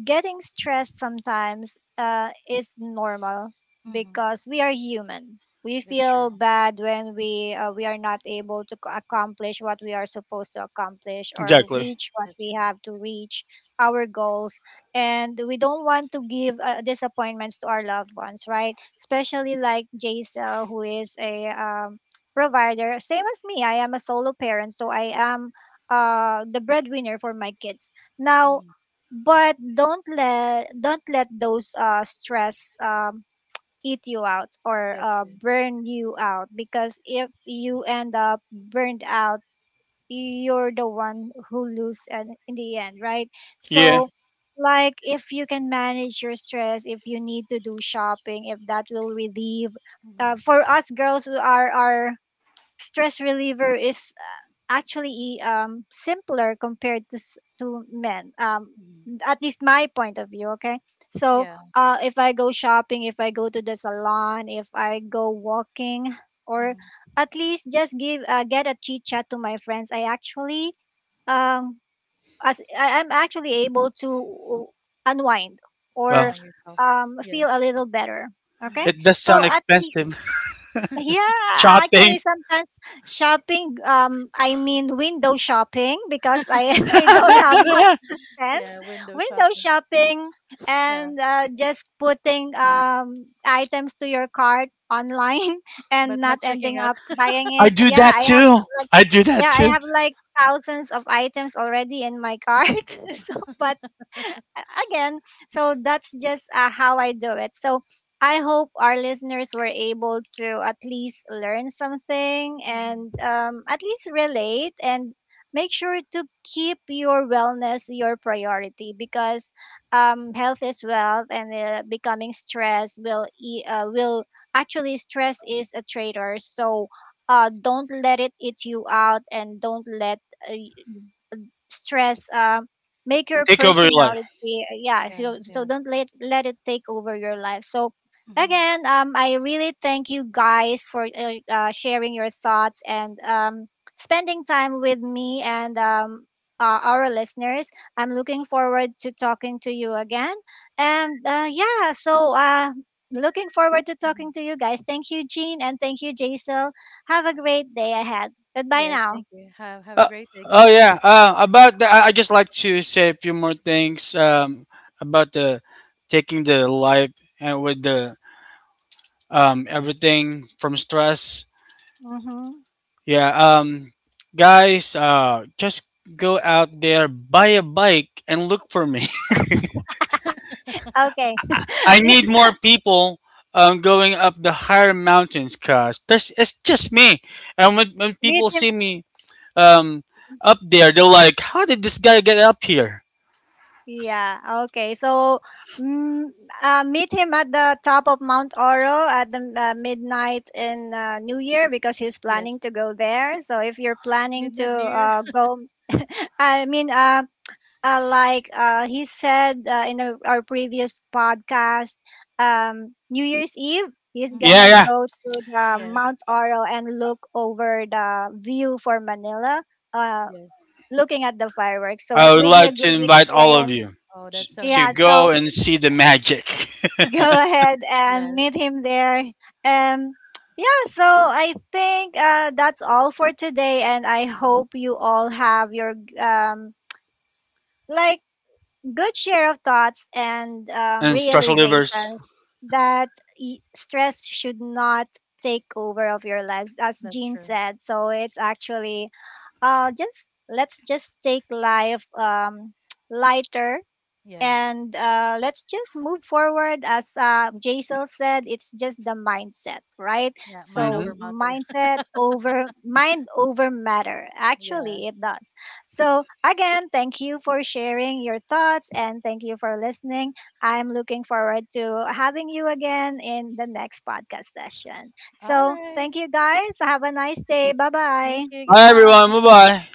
getting stressed sometimes is normal
Mm-hmm.
because we are human. We
That's true.
feel bad when we are not able to accomplish what we are supposed to accomplish or
exactly.
reach what
That's
we
true.
have to reach our goals, and we don't want to give disappointments to our loved ones, right? Especially like Jaisel, who is a provider, same as me. I am a solo parent, so I am the breadwinner for my kids
Mm-hmm.
now, but don't let those stress eat you out or
That's true.
burn you out, because if you end up burned out, you're the one who lose and in the end, right?
That's
Yeah.
true.
So like, if you can manage your stress, if you need to do shopping, if that will relieve,
Mm-hmm.
for us girls who are, stress reliever is actually simpler compared to to men.
Mm-hmm.
At least my point of view. Okay,
Yeah.
so if I go shopping, if I go to the salon, if I go walking, or
Mm-hmm.
at least just give get a chit chat to my friends, I actually um I'm actually able to unwind
Unwind
Well,
or
yourself.
feel
Yes.
a little better. Okay,
Mm-hmm.
it does
so
sound
Yeah.
at least,
expensive.
yeah,
Shopping.
actually, sometimes shopping, I mean window shopping, because I, I don't have much
I
time.
Yeah. Window
Window
shopping.
shopping
Yeah.
and just putting items to your cart online
But
and
not
not
checking
ending
out.
up buying it.
do
Yeah,
that
I have
too.
like,
I do that
yeah, I
too.
have like thousands of items already in my cart. So, but again, so that's just how I do it. So I hope our listeners were able to at least learn something
Mm-hmm.
and at least relate, and make sure to keep your wellness your priority, because health is wealth, and becoming stressed will actually, stress is a traitor, so don't let it eat you out, and don't let uh, stress make your
Take over your life.
personality yeah,
Yes.
so, so
Yes.
don't let it take over your life. So
Mm-hmm.
again, I really thank you guys for sharing your thoughts, and spending time with me, and our listeners. I'm looking forward to talking to you again, and yeah, so looking forward to
Mm-hmm.
talking to you guys. Thank you, Jean, and thank you, Jaisal. Have a great day ahead. Goodbye
Yes. Thank
now.
you. Have a
Uh,
great day.
oh
Goodbye.
yeah. About the, I just like to say a few more things about the taking the life and with the everything from stress.
Hmm.
Yeah. Guys, just go out there, buy a bike, and look for me.
Okay.
I
Yeah.
need more people going up the higher mountains because it's just me. And when
Meet
people
him.
see me um, up there, they're like, how did this guy get up here?
Yeah. Okay. So, mm, meet him at the top of Mount Oro at the midnight in New Year, because he's
Yes,
planning to go there. So, if you're planning
midnight
to
near.
go, I mean, like he said in our previous podcast, New Year's Eve, he's
Mm-hmm.
Yeah,
gonna
yeah.
go to the
Yes,
Mount Oro and look over the view for Manila. Uh,
yes.
looking at the fireworks, so
I
it
would
will be a
like to
good
invite all of
experience.
you
Oh, that's so
to
Yeah,
nice. Yeah,
so
go and see the magic
go ahead
yes,
and meet him there. Um, yeah, so I think that's all for today, and I
hmm
hope you all have your um, like good share of thoughts and
and stress relievers.
realization that stress should not take over of your lives, as
that's
Jean
true.
said. So it's actually just, let's just take life lighter,
Yes,
and let's just move forward. As Jaisal said, it's just the mindset, right?
yeah. Mind over
So
Hmm.
matter.
mindset over, mind over matter,
Yeah.
actually it does. So again, thank you for sharing your thoughts, and thank you for listening. I'm looking forward to having you again in the next podcast session.
All
So
right.
thank you guys, have a nice day. Bye
Thank
bye.
you.
Bye,
Goodbye.
everyone. Bye bye.